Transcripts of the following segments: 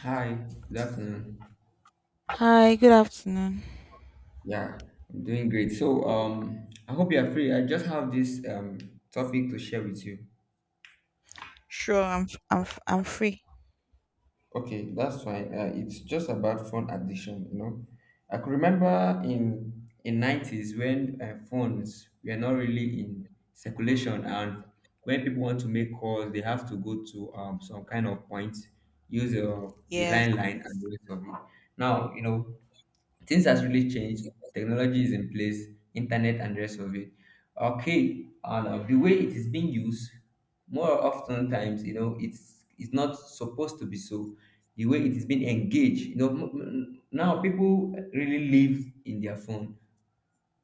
Hi, good afternoon. Hi, good afternoon. Yeah, I'm doing great. So, I hope you are free. I just have this topic to share with you. Sure, I'm free. Okay, that's fine. It's just about phone addiction. You know, I could remember in nineties when phones were not really in circulation, and when people want to make calls, they have to go to some kind of point, use the Yes. line and the rest of it. Now, you know, things has really changed. Technology is in place, internet and the rest of it. Okay, and the way it is being used, more often times, you know, it's not supposed to be so. The way it is being engaged, you know, now people really live in their phone,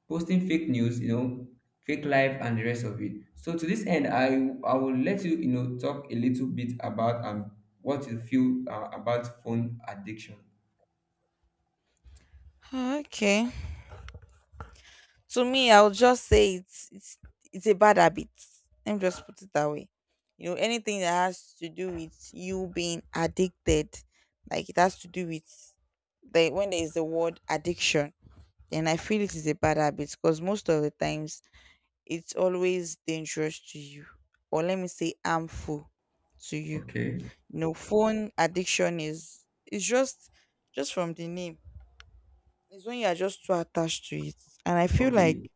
posting fake news, you know, fake life and the rest of it. So to this end, I will let you, you know, talk a little bit about what you feel about phone addiction. Okay. To me, I'll just say it's a bad habit. Let me just put it that way. You know, anything that has to do with you being addicted, like it has to do with the when there is the word addiction, then I feel it is a bad habit because most of the times it's always dangerous to you, or let me say harmful to you. Okay, You know, phone addiction is, it's just from the name, it's when you are just too attached to it, and I feel okay. like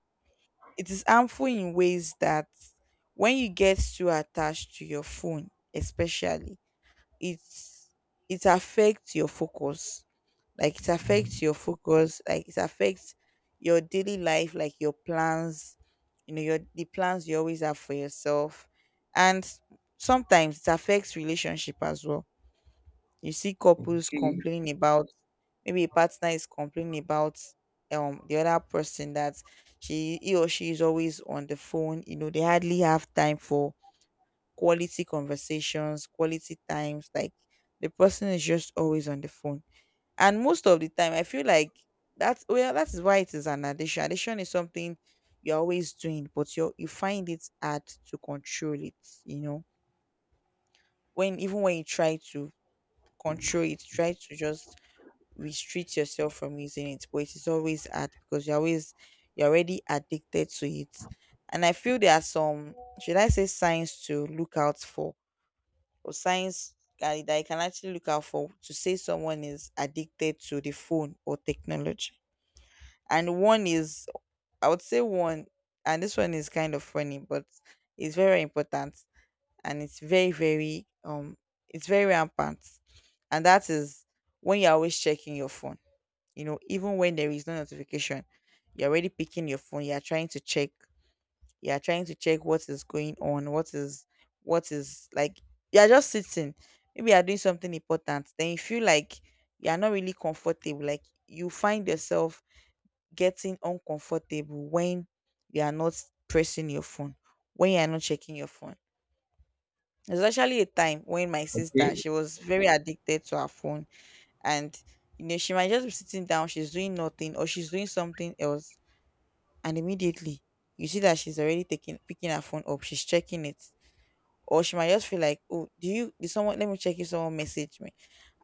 it is harmful in ways that when you get too attached to your phone, especially it's it affects your focus, like it affects Mhm. your focus, like it affects your daily life, like your plans, your the plans you always have for yourself, and sometimes it affects relationship as well. You see couples Okay, complaining about, maybe a partner is complaining about the other person that she he or she is always on the phone. You know, they hardly have time for quality conversations, quality times. Like the person is just always on the phone. And most of the time I feel like that's well, that is why it is an addiction. Addiction is something you're always doing, but you find it hard to control it, you know. When even when you try to control it, try to just restrict yourself from using it, but it is always hard because you're always you're already addicted to it. And I feel there are some, should I say, signs to look out for, or signs that that you can actually look out for to say someone is addicted to the phone or technology. And one is, I would say one, and this one is kind of funny but it's very important, and it's very very it's very rampant, and that is when you're always checking your phone, even when there is no notification, you're already picking your phone, you're trying to check, you're trying to check what is going on, what is, what is, like you're just sitting, maybe you're doing something important, then you feel like you're not really comfortable, like you find yourself getting uncomfortable when you are not pressing your phone, when you are not checking your phone. There's actually a time when my sister okay, she was very addicted to her phone, and she might just be sitting down, she's doing nothing or she's doing something else, and immediately you see that she's already taking picking her phone up, she's checking it, or she might just feel like, oh, do you did someone, let me check if someone messaged me.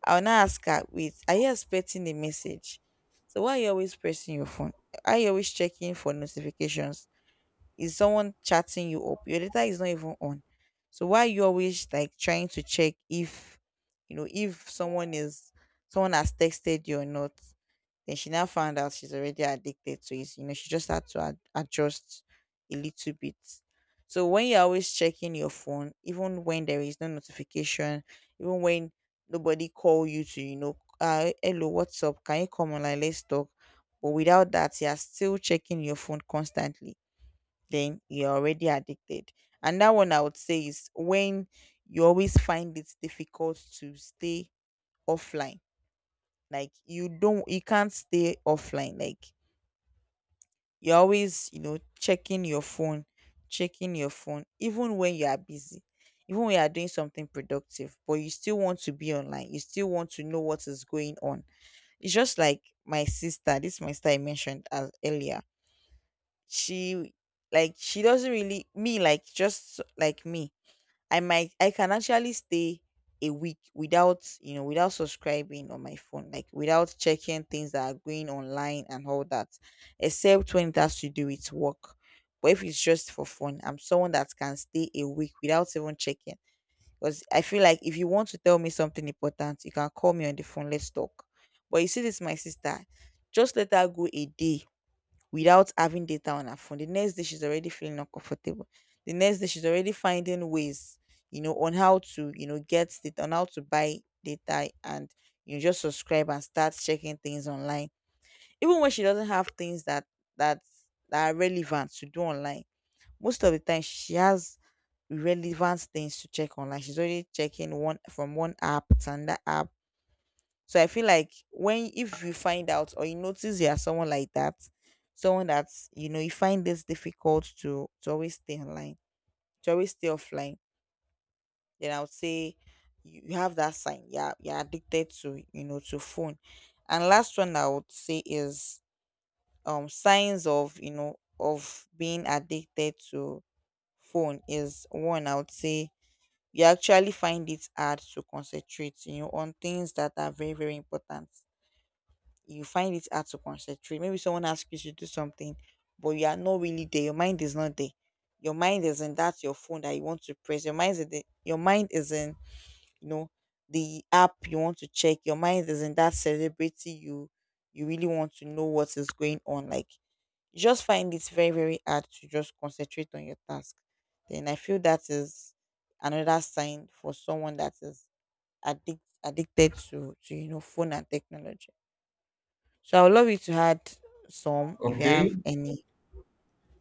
I'll now ask her, wait, are you expecting a message? So why are you always pressing your phone? Are you always checking for notifications? Is someone chatting you up? Your data is not even on. So why are you always like trying to check if, if someone is, someone has texted you or not? Then she now found out she's already addicted to it. You know, she just had to adjust a little bit. So when you're always checking your phone, even when there is no notification, even when nobody call you to, hello, what's up? Can you come online? Let's talk. But without that, you're still checking your phone constantly. Then you're already addicted. And that one I would say is when you always find it difficult to stay offline, like you don't you can't stay offline, like you're always, checking your phone, even when you are busy, even when you are doing something productive, but you still want to be online. You still want to know what is going on. It's just like my sister, this my sister I mentioned as earlier. She, like she doesn't really me, like just like me, I might I can actually stay a week without without subscribing on my phone, like without checking things that are going online and all that, except when it has to do with work. But if it's just for fun, I'm someone that can stay a week without even checking. Because I feel like if you want to tell me something important, you can call me on the phone, let's talk. But you see, this my sister, just let her go a day without having data on her phone. The next day, she's already feeling uncomfortable. The next day, she's already finding ways, on how to, get data, on how to buy data and just subscribe and start checking things online. Even when she doesn't have things that that that are relevant to do online, most of the time she has relevant things to check online. She's already checking one from one app to another app. So I feel like when if you find out or you notice you are someone like that, someone that's you find this difficult to always stay online, to always stay offline, then I would say you, you have that sign. Yeah, you're addicted to to phone. And last one I would say is signs of of being addicted to phone is one I would say you actually find it hard to concentrate on things that are very very important, you find it hard to concentrate. Maybe someone asks you to do something, but you are not really there. Your mind is not there. Your mind is in that your phone that you want to press. Your mind is in the, your mind is in, you know the app you want to check. Your mind is in that celebrity you, you really want to know what is going on. Like you just find it very very hard to just concentrate on your task. Then I feel that is another sign for someone that is addicted to phone and technology. So I would love you to add some if you okay, have any.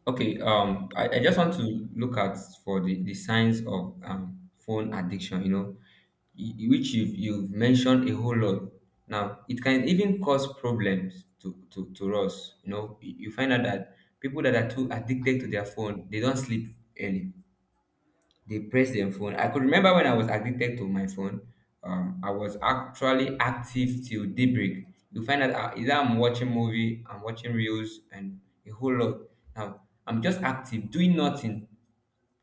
okay. I just want to look at for the signs of phone addiction, you know, which you've mentioned a whole lot. Now, it can even cause problems to us. You know, you find out that people that are too addicted to their phone, they don't sleep early. They press their phone. I could remember when I was addicted to my phone. I was actually active till daybreak. You find out either I'm watching movie, I'm watching reels, and a whole lot. Now I'm just active, doing nothing,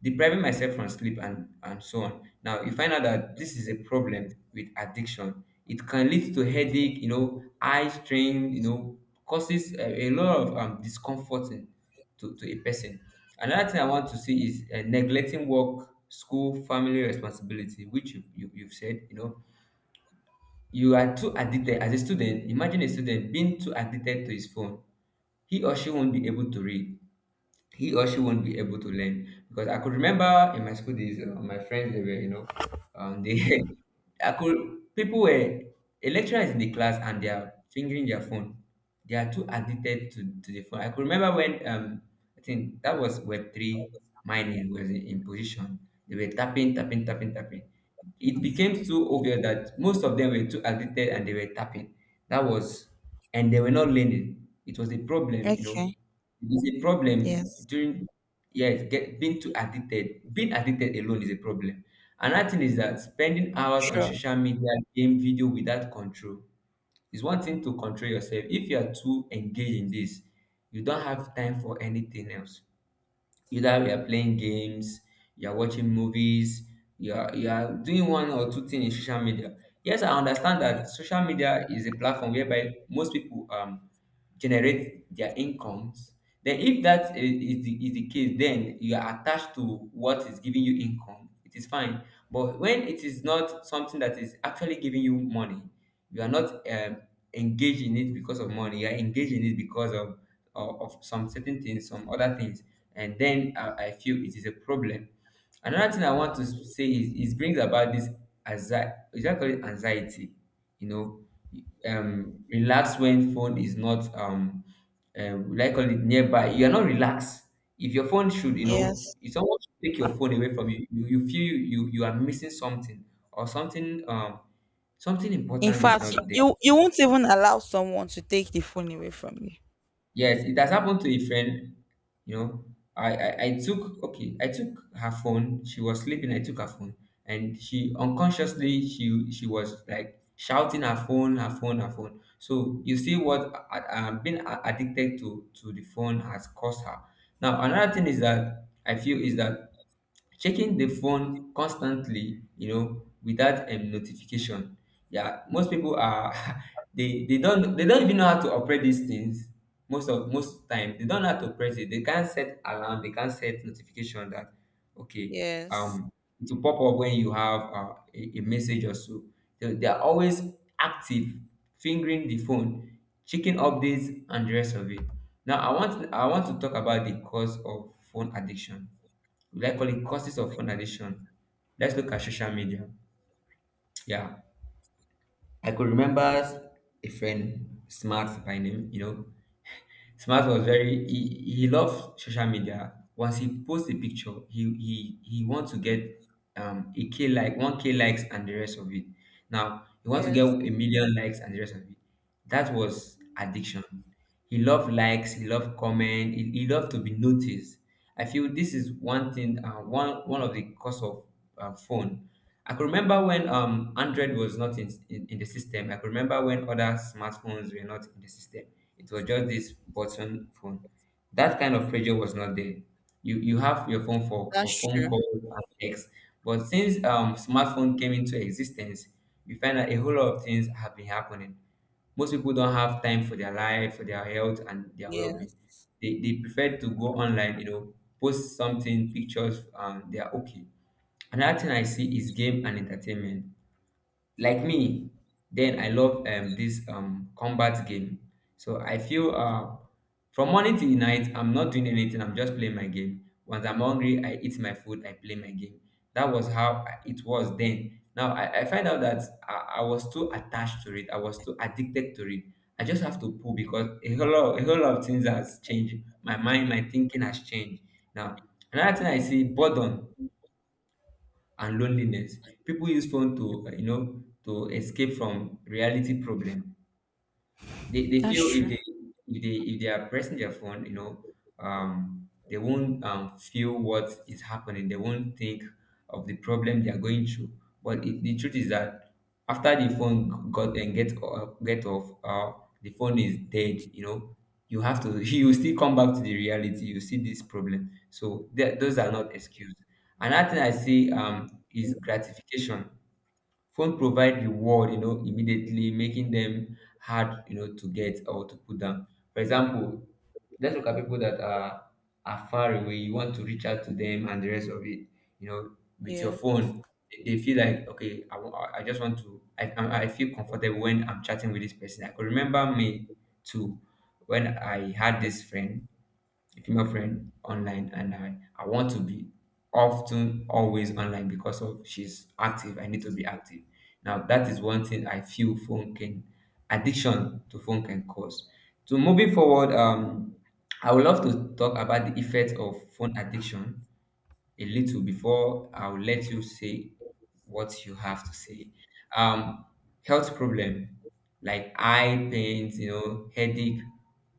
depriving myself from sleep and so on. Now you find out that this is a problem with addiction. It can lead to headache, you know, eye strain, you know, causes a lot of discomforting to a person. Another thing I want to see is neglecting work, school, family responsibility, which you've said, you know, you are too addicted. As a student, imagine a student being too addicted to his phone, he or she won't be able to read, he or she won't be able to learn, because I could remember in my school days, my friends, they were, you know, they I could, people were, a lecturer is in the class and they are fingering their phone. They are too addicted to the phone. I could remember when I think that was Web 3 mining was in position. They were tapping, tapping, tapping, tapping. It became so obvious that most of them were too addicted and they were tapping. That was, and they were not learning. It was a problem, you know, Okay. it is a problem Yes. during, yes, get being too addicted. Being addicted alone is a problem. Another thing is that spending hours on Sure. social media, game, video without control is one thing to control yourself. If you are too engaged in this, you don't have time for anything else. Either we are playing games, you are watching movies, you are doing one or two things in social media. Yes, I understand that social media is a platform whereby most people generate their incomes. Then, if that is the case, then you are attached to what is giving you income. It is fine. But when it is not something that is actually giving you money, you are not engaged in it because of money. You are engaged in it because of some certain things, some other things, and then I feel it is a problem. Another thing I want to say is it brings about this anxiety. Is that called it anxiety? You know, relax when phone is not like call it nearby. You are not relaxed. If your phone should, you know, Yes. if someone should take your phone away from you, you feel you are missing something, or something something In important is fact, not there. you won't even allow someone to take the phone away from you. Yes, it has happened to a friend. You know, I took her phone. She was sleeping. I took her phone, and she unconsciously she was like shouting her phone, her phone, her phone. So you see what being addicted to the phone has caused her. Now another thing is that I feel, is that checking the phone constantly, you know, without notification. Yeah, most people are they don't even know how to operate these things. Most of most time they don't know how to operate it, they can't set alarm, they can't set notification that, okay, Yes. um it will pop up when you have a message or so. They are always active, fingering the phone, checking updates and the rest of it. Now I want to talk about the cause of phone addiction. Will I call it causes of phone addiction? Let's look at social media. Yeah. I could remember a friend, Smart by name, you know, Smart was very, he loves social media. Once he posts a picture, he wants to get a K like 1K likes and the rest of it. Now he wants to get a Yes. million likes and the rest of it. That was addiction. He loved likes, he loved comment, he loved to be noticed. I feel this is one thing, one of the cause of phone. I could remember when Android was not in the system. I could remember when other smartphones were not in the system. It was just this button phone. That kind of pressure was not there. You have your phone for That's phone true. calls and texts. But since smartphone came into existence, you find that a whole lot of things have been happening. Most people don't have time for their life, for their health, and their well-being. Yes. They prefer to go online, you know, post something, pictures, and they are okay. Another thing I see is game and entertainment. Like me, then I love this combat game. So I feel, from morning till night, I'm not doing anything. I'm just playing my game. Once I'm hungry, I eat my food. I play my game. That was how it was then. Now I find out that I was too attached to it. I was too addicted to it. I just have to pull because a whole lot of things has changed. My mind, my thinking has changed. Now another thing I see, boredom and loneliness. People use phone to, you know, to escape from reality problem. They That's feel true. If they are pressing their phone, you know, they won't feel what is happening. They won't think of the problem they are going through. But the truth is that after the phone got and get off, the phone is dead. You know, you have to you still come back to the reality. You see this problem. So that those are not excuse. Another thing I see is gratification. Phone provide reward, you know, immediately, making them hard, you know, to get or to put down. For example, let's look at people that are far away, you want to reach out to them and the rest of it, you know, with your Yes. phone. They feel like, okay, I just want to, I feel comfortable when I'm chatting with this person. I could remember me too, when I had this friend, female friend online, and I want to be often always online because of she's active. I need to be active. Now that is one thing I feel phone can addiction to phone can cause. So moving forward, I would love to talk about the effect of phone addiction a little before I'll let you say what you have to say. Um, Health problem like eye pains, you know, headache,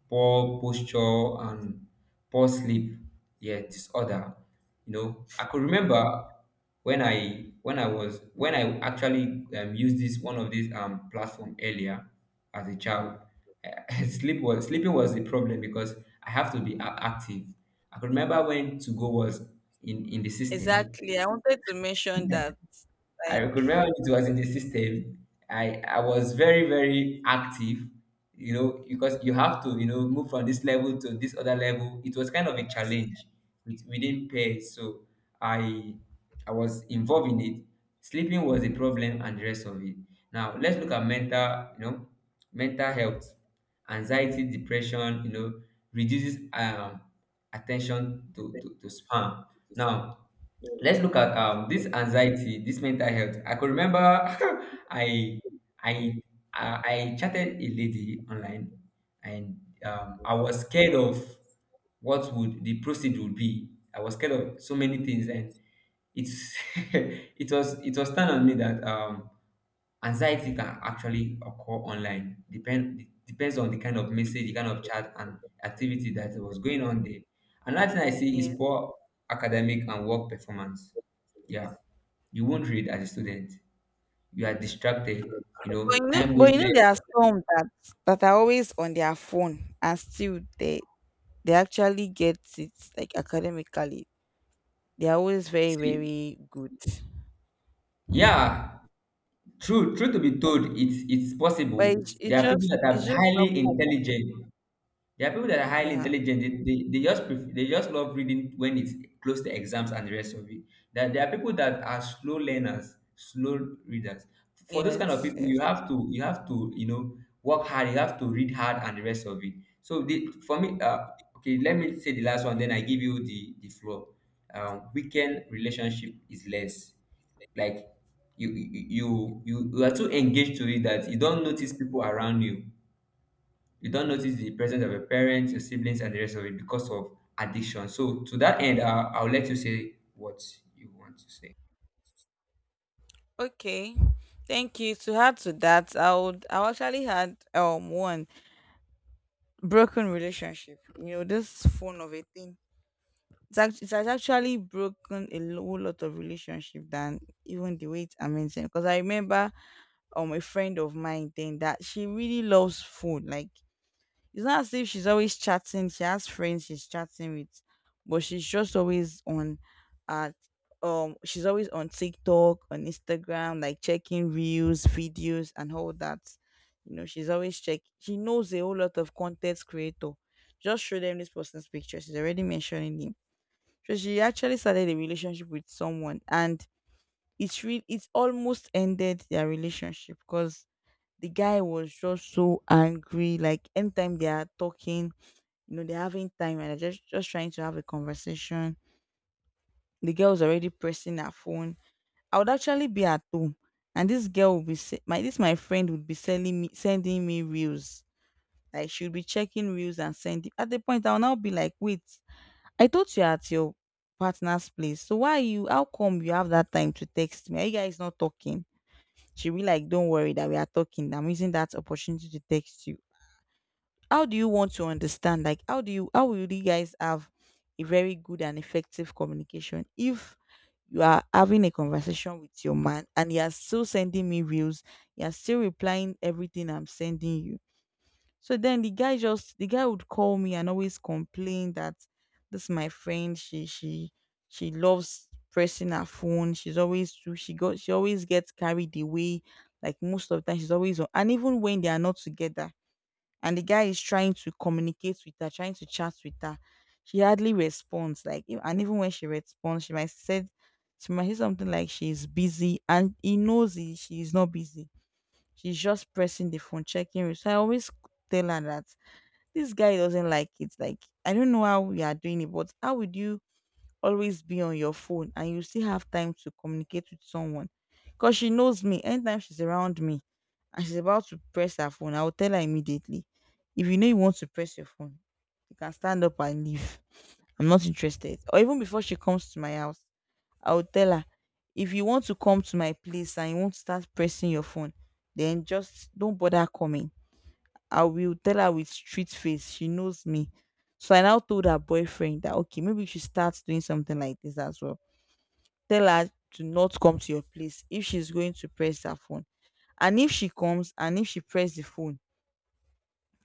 poor posture, and poor sleep, yeah, disorder. You know, I could remember when I was when I actually used this one of these platform earlier as a child. Sleeping was the problem because I have to be active. I could remember when to go was in the system, Exactly. I wanted to mention that. I Like, could remember it was in the system. I was very, very active, you know, because you have to, you know, move from this level to this other level. It was kind of a challenge within pairs. So I I was involved in it. Sleeping was a problem and the rest of it. Now let's look at mental, you know, mental health, anxiety, depression, you know, reduces attention to spam. Now let's look at this anxiety, this mental health. I could remember i i I chatted a lady online, and I was scared of what would the proceed would be. I was scared of so many things, and it's it was turned on me that anxiety can actually occur online. Depends on the kind of message, the kind of chat, and activity that was going on there. Another thing I see is yeah. poor academic and work performance. Yeah, you won't read as a student. You are distracted. You know, time But you know, wasted. there are some that that are always on their phone and still they actually get it, like academically. They are always very See, very good. yeah, true. True to be told, it's But possible. There are people that are it's just not highly common. intelligent. There are people that are highly Yeah. intelligent. They, they just they just love reading when it's close to exams and the rest of it. There are people that are slow learners, slow readers. For those kind of Yes. people, you Yes. have to you have to you know work hard. You have to read hard and the rest of it. So the, for me, okay, let me say the last one. Then I give you the floor. Weekend relationship is less like you are too engaged to it that you don't notice people around you. You don't notice the presence of your parents, your siblings, and the rest of it because of addiction. So to that end, I, I'll let you say what you want to say. Okay. Thank you. To add to that, I would, I actually had one broken relationship. You know, this phone of a thing. It's actually, it has actually broken a whole lot of relationship than even the way it's amazing. Because I remember a friend of mine then that she really loves food. Like, it's not as if she's always chatting. She has friends she's chatting with, but she's just always on at she's always on TikTok, on Instagram, like checking reels, videos, and all that. You know, she's always check. She knows a whole lot of content creator. Just show them this person's picture. She's already mentioning him. So she actually started a relationship with someone, and it's real. It's almost ended their relationship because the guy was just so angry. Like anytime they are talking, you know, they're having time and they're just trying to have a conversation. The girl's already pressing her phone. I would actually be at home, and this girl would be my this my friend would be selling me sending me reels. Like she would be checking reels and sending, at the point I'll now be like, wait, I thought you're at your partner's place. So why are you, how come you have that time to text me? Are you guys not talking? She'll be like, don't worry that we are talking, I'm using that opportunity to text you. How do you want to understand, like how do you, how will you guys have a very good and effective communication if you are having a conversation with your man and you are still sending me reels, you are still replying everything I'm sending you? So then the guy just the guy would call me and always complain that this is my friend, she she loves pressing her phone, she's always too, she got she always gets carried away, like most of the time she's always on, and even when they are not together and the guy is trying to communicate with her, trying to chat with her, she hardly responds. Like, and even when she responds, she might said, she might say something like she's busy, and he knows he, she is not busy. She's just pressing the phone, checking it. So I always tell her that this guy doesn't like it. Like, I don't know how we are doing it, but how would you always be on your phone and you still have time to communicate with someone? Because she knows me. Anytime she's around me and she's about to press her phone, I will tell her immediately. If you know you want to press your phone, you can stand up and leave. I'm not interested. Or even before she comes to my house, I will tell her, if you want to come to my place and you want to start pressing your phone, then just don't bother coming. I will tell her with street face. She knows me. So I now told her boyfriend that, okay, maybe you should start doing something like this as well. Tell her to not come to your place if she's going to press her phone. And if she comes and if she press the phone,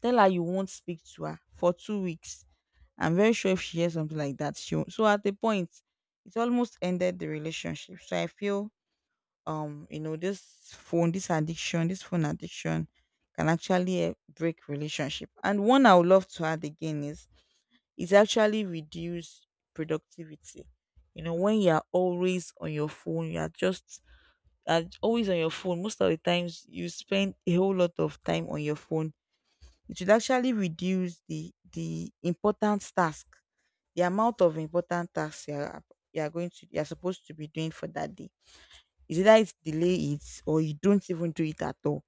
tell her you won't speak to her for 2 weeks. I'm very sure if she hears something like that, she won't. So at the point, it almost ended the relationship. So I feel this phone, this addiction, this phone addiction can actually break relationship. And one I would love to add again is it actually reduce productivity. You know, when you are always on your phone, you are just are always on your phone, most of the times you spend a whole lot of time on your phone. It should actually reduce the important task, the amount of important tasks you are going to you are supposed to be doing for that day. It's either it's delay it or you don't even do it at all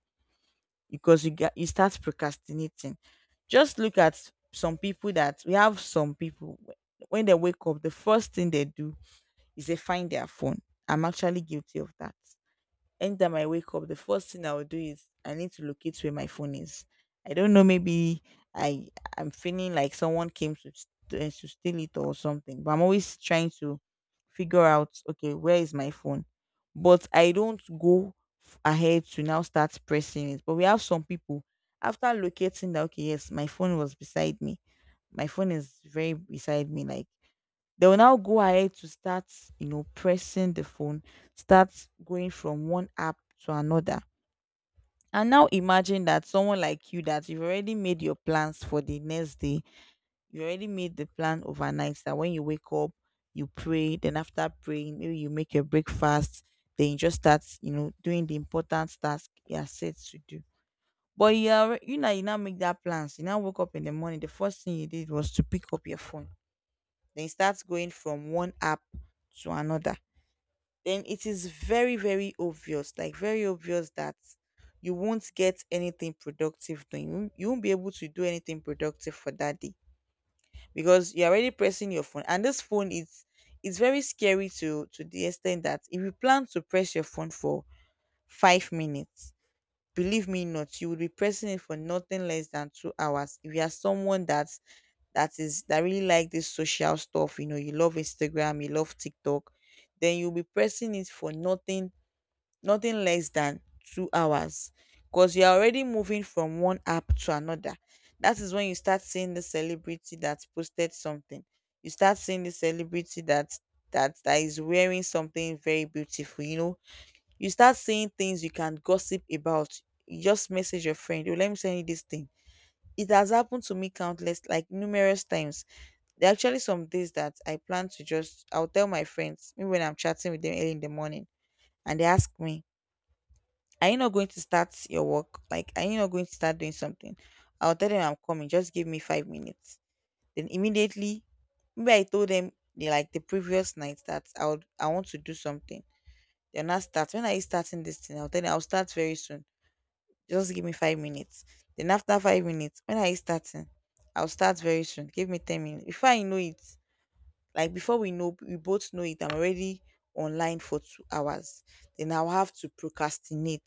because you get you start procrastinating. Just look at some people that we have. Some people, when they wake up, the first thing they do is they find their phone. I'm actually guilty of that. Anytime I wake up, the first thing I will do is I need to locate where my phone is. I don't know, maybe I I'm feeling like someone came to to steal it or something. But I'm always trying to figure out, okay, where is my phone? But I don't go ahead to now start pressing it. But we have some people, after locating that, okay, yes, my phone was beside me, my phone is very beside me, like they will now go ahead to start pressing the phone, start going from one app to another. And now imagine that someone like you that you've already made your plans for the next day, you already made the plan overnight, that when you wake up you pray, then after praying maybe you make your breakfast, then you just start doing the important task you are set to do. But you are, you now make that plans, you now woke up in the morning, the first thing you did was to pick up your phone, then it starts going from one app to another. Then it is very very obvious, like very obvious, that you won't get anything productive doing, you won't be able to do anything productive for that day, because you're already pressing your phone, and this phone is, it's very scary, to the extent that if you plan to press your phone for 5 minutes, believe me not, you will be pressing it for nothing less than 2 hours. If you are someone that really like this social stuff, you love Instagram, you love TikTok, then you'll be pressing it for nothing less than 2 hours. Because you're already moving from one app to another. That is when you start seeing the celebrity that posted something. You start seeing the celebrity that is wearing something very beautiful, you start seeing things you can gossip about. You just message your friend, "Oh, let me send you this thing." It has happened to me countless, like numerous times. There are actually some days that I plan to just, I'll tell my friends, maybe when I'm chatting with them early in the morning, and they ask me, are you not going to start your work? Like, are you not going to start doing something? I'll tell them I'm coming, just give me 5 minutes. Then immediately, maybe I told them like the previous night that I want to do something. They're not start. When are you starting this thing? I'll tell them I'll start very soon. Just give me 5 minutes. Then after 5 minutes, when are you starting? I'll start very soon. Give me 10 minutes. Before I know it, like before we both know it, I'm already online for 2 hours. Then I'll have to procrastinate.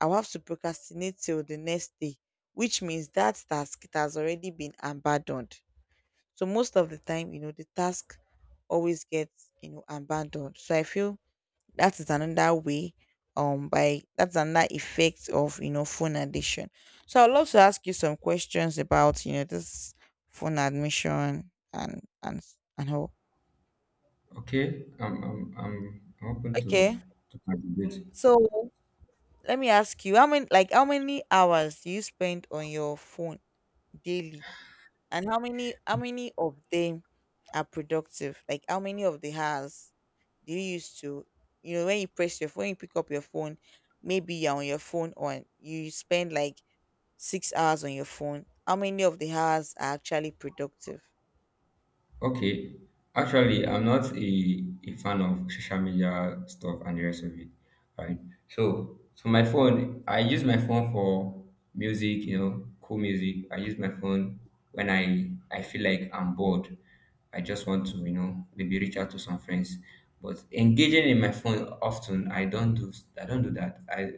I'll have to procrastinate till the next day, which means that task, it has already been abandoned. So most of the time, the task always gets, abandoned. So I feel that is another way. Um by that's another effect of phone addiction. So I'd love to ask you some questions about this phone admission, and how. Okay, I'm open Okay, to contribute. so let me ask you, how many hours do you spend on your phone daily, and how many of them are productive? Like, how many of the hours do you use to when you press your phone, you pick up your phone, maybe you're on your phone, or you spend like 6 hours on your phone, how many of the hours are actually productive? Okay. Actually, I'm not a, a fan of social media stuff and the rest of it, right? So my phone, I use my phone for music, you know, cool music. I use my phone when I feel like I'm bored. I just want to, you know, maybe reach out to some friends. But engaging in my phone often, I don't do that. I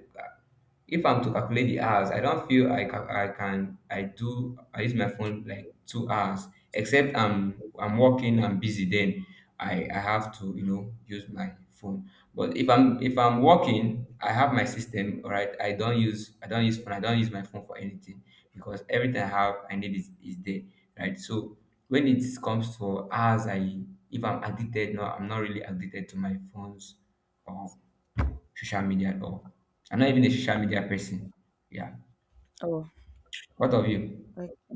if I'm to calculate the hours, I don't feel I I can I do I use my phone like 2 hours, except i'm working, I'm busy. Then I have to, you know, use my phone. But if I'm working, I have my system, all right? I don't use phone, I don't use my phone for anything, because everything I have I need is there, right? So when it comes to hours, I if I'm addicted, no, I'm not really addicted to my phones or social media at all. I'm not even a social media person. Yeah. Oh, What of you? okay.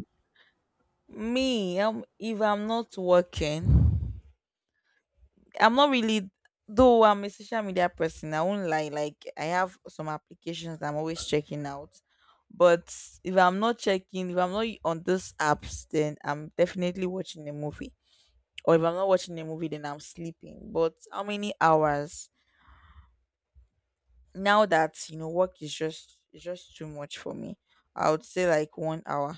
Me, if I'm not working, I'm not really. Though I'm a social media person, I won't lie. Like, I have some applications I'm always checking out, but if I'm not checking, if I'm not on those apps, then I'm definitely watching a movie. Or if I'm not watching a movie, then I'm sleeping. But how many hours? Now that work is just too much for me, I would say like 1 hour,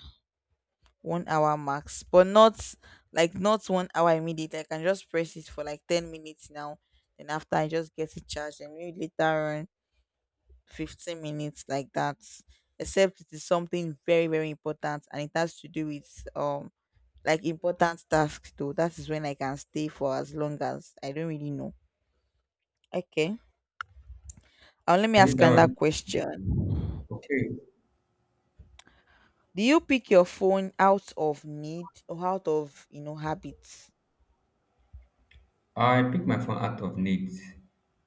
1 hour max, but not, like, not 1 hour immediately. I can just press it for like 10 minutes now, then after I just get it charged and maybe later on 15 minutes like that, except it is something very very important and it has to do with like important tasks, though. That is when I can stay for as long as I don't really know. Okay. Let me Is ask that another one? question. Okay. Do you pick your phone out of need or out of habits? I pick my phone out of need,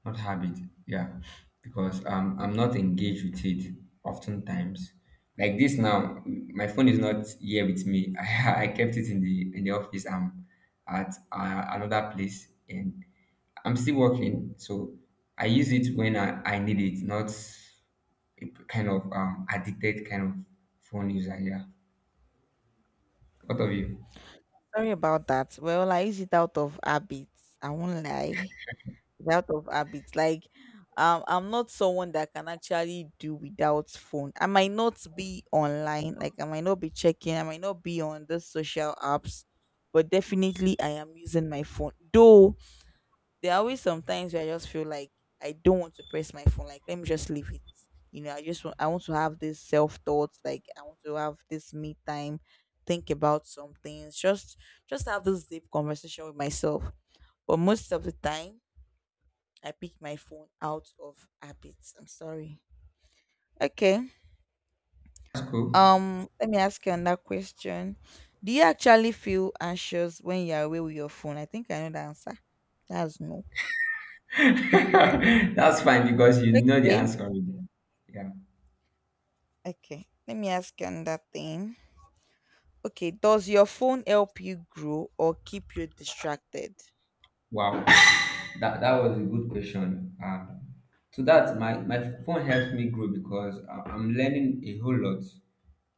not habit. Yeah, because I'm not engaged with it oftentimes. Like this now, my phone is not here with me. I kept it in the office. I'm at another place, and I'm still working. So I use it when I need it, not a kind of addicted kind of phone user. Yeah. What of you? Sorry about that. Well, I use it out of habits. I won't lie. It's out of habits. Like, I'm not someone that can actually do without phone. I might not be online, like I might not be checking, I might not be on the social apps, but definitely I am using my phone. Though, there are always sometimes where I just feel like I don't want to press my phone. Like, let me just leave it. I want to have this self thoughts. Like, I want to have this me time, think about some things, just have this deep conversation with myself. But most of the time, I pick my phone out of habit. I'm sorry. Okay. That's cool. Let me ask you another question. Do you actually feel anxious when you're away with your phone? I think I know the answer. That's no. That's fine because you know the Okay. answer already. Yeah. Okay. Let me ask you another thing. Okay, does your phone help you grow or keep you distracted? Wow, that was a good question. So that my phone helps me grow because I'm learning a whole lot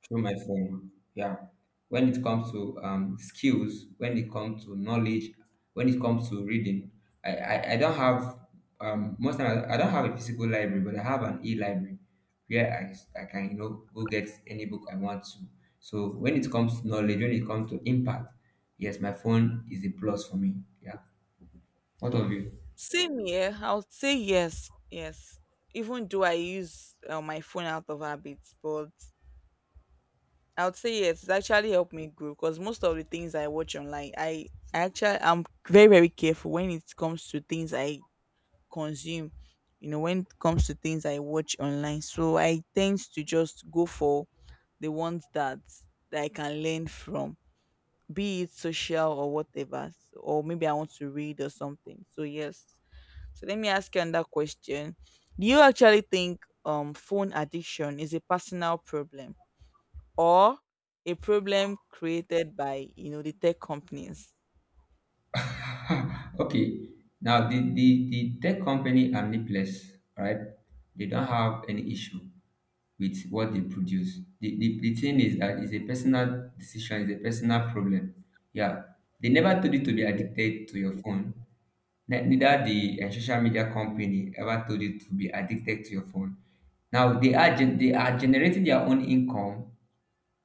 through my phone. Yeah, when it comes to skills, when it comes to knowledge, when it comes to reading, I don't have most times I don't have a physical library, but I have an e-library where I, I can you know go get any book I want to. So when it comes to knowledge, when it comes to impact, yes, my phone is a plus for me. Yeah. What of you? Same here. I would say yes, yes. Even though I use my phone out of habit, but I would say yes. It's actually helped me grow, because most of the things I watch online, I'm very very careful when it comes to things I consume. You know, when it comes to things I watch online, so I tend to just go for the ones that I can learn from, be it social or whatever, or maybe I want to read or something. So yes. So let me ask you another question. Do you actually think phone addiction is a personal problem or a problem created by the tech companies? Okay. Now the tech company are needless, right? They don't have any issue with what they produce. The thing is that it's a personal decision, it's a personal problem. Yeah. They never told you to be addicted to your phone. Neither the social media company ever told you to be addicted to your phone. Now they are generating their own income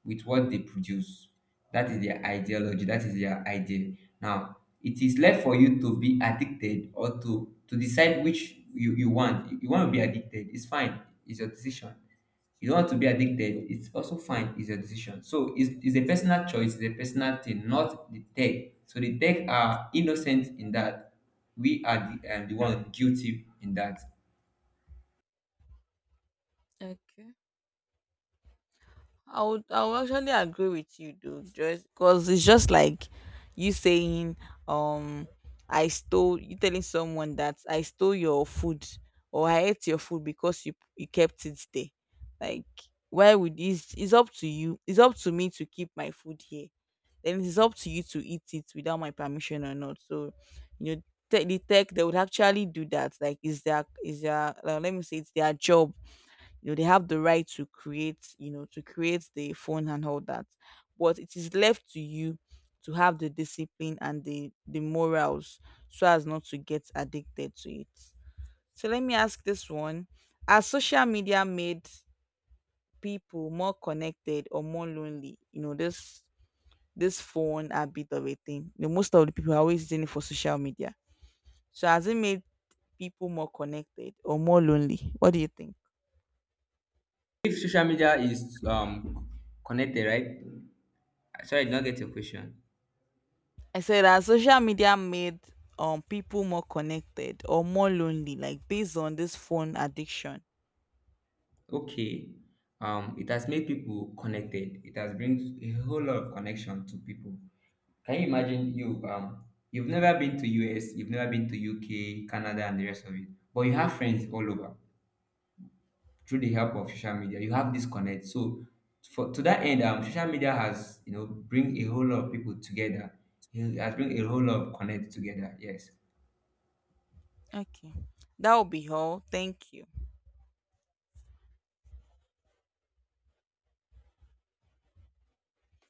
with what they produce. That is their ideology. That is their idea. Now, it is left for you to be addicted, or to decide which you want. You want to be addicted, it's fine. It's your decision. You don't want to be addicted, it's also fine. It's your decision. So it's a personal choice. It's a personal thing, not the tech. So the tech are innocent in that. We are the one guilty in that. Okay. I would actually agree with you though, just because it's just like you saying, um, I stole you telling someone that I stole your food, or I ate your food because you kept it there. Like, why would it's up to you. It's up to me to keep my food here. Then it's up to you to eat it without my permission or not. So, you know, the tech, they would actually do that. Like, is their, let me say, it's their job. They have the right to create, the phone and all that, but it is left to you to have the discipline and the morals so as not to get addicted to it. So let me ask this one, has social media made people more connected or more lonely? This phone a bit of a thing, most of the people are always using it for social media, so has it made people more connected or more lonely? What do you think? If social media is connected, right? Sorry, I did not get your question. I said that social media made people more connected or more lonely, like based on this phone addiction. Okay. It has made people connected. It has brings a whole lot of connection to people. Can you imagine you you've never been to US, you've never been to UK, Canada, and the rest of it, but you have friends all over through the help of social media. You have this connect. So for to that end, social media has, you know, bring a whole lot of people together. It has bring a whole lot of connect together, yes. Okay. That will be all. Thank you.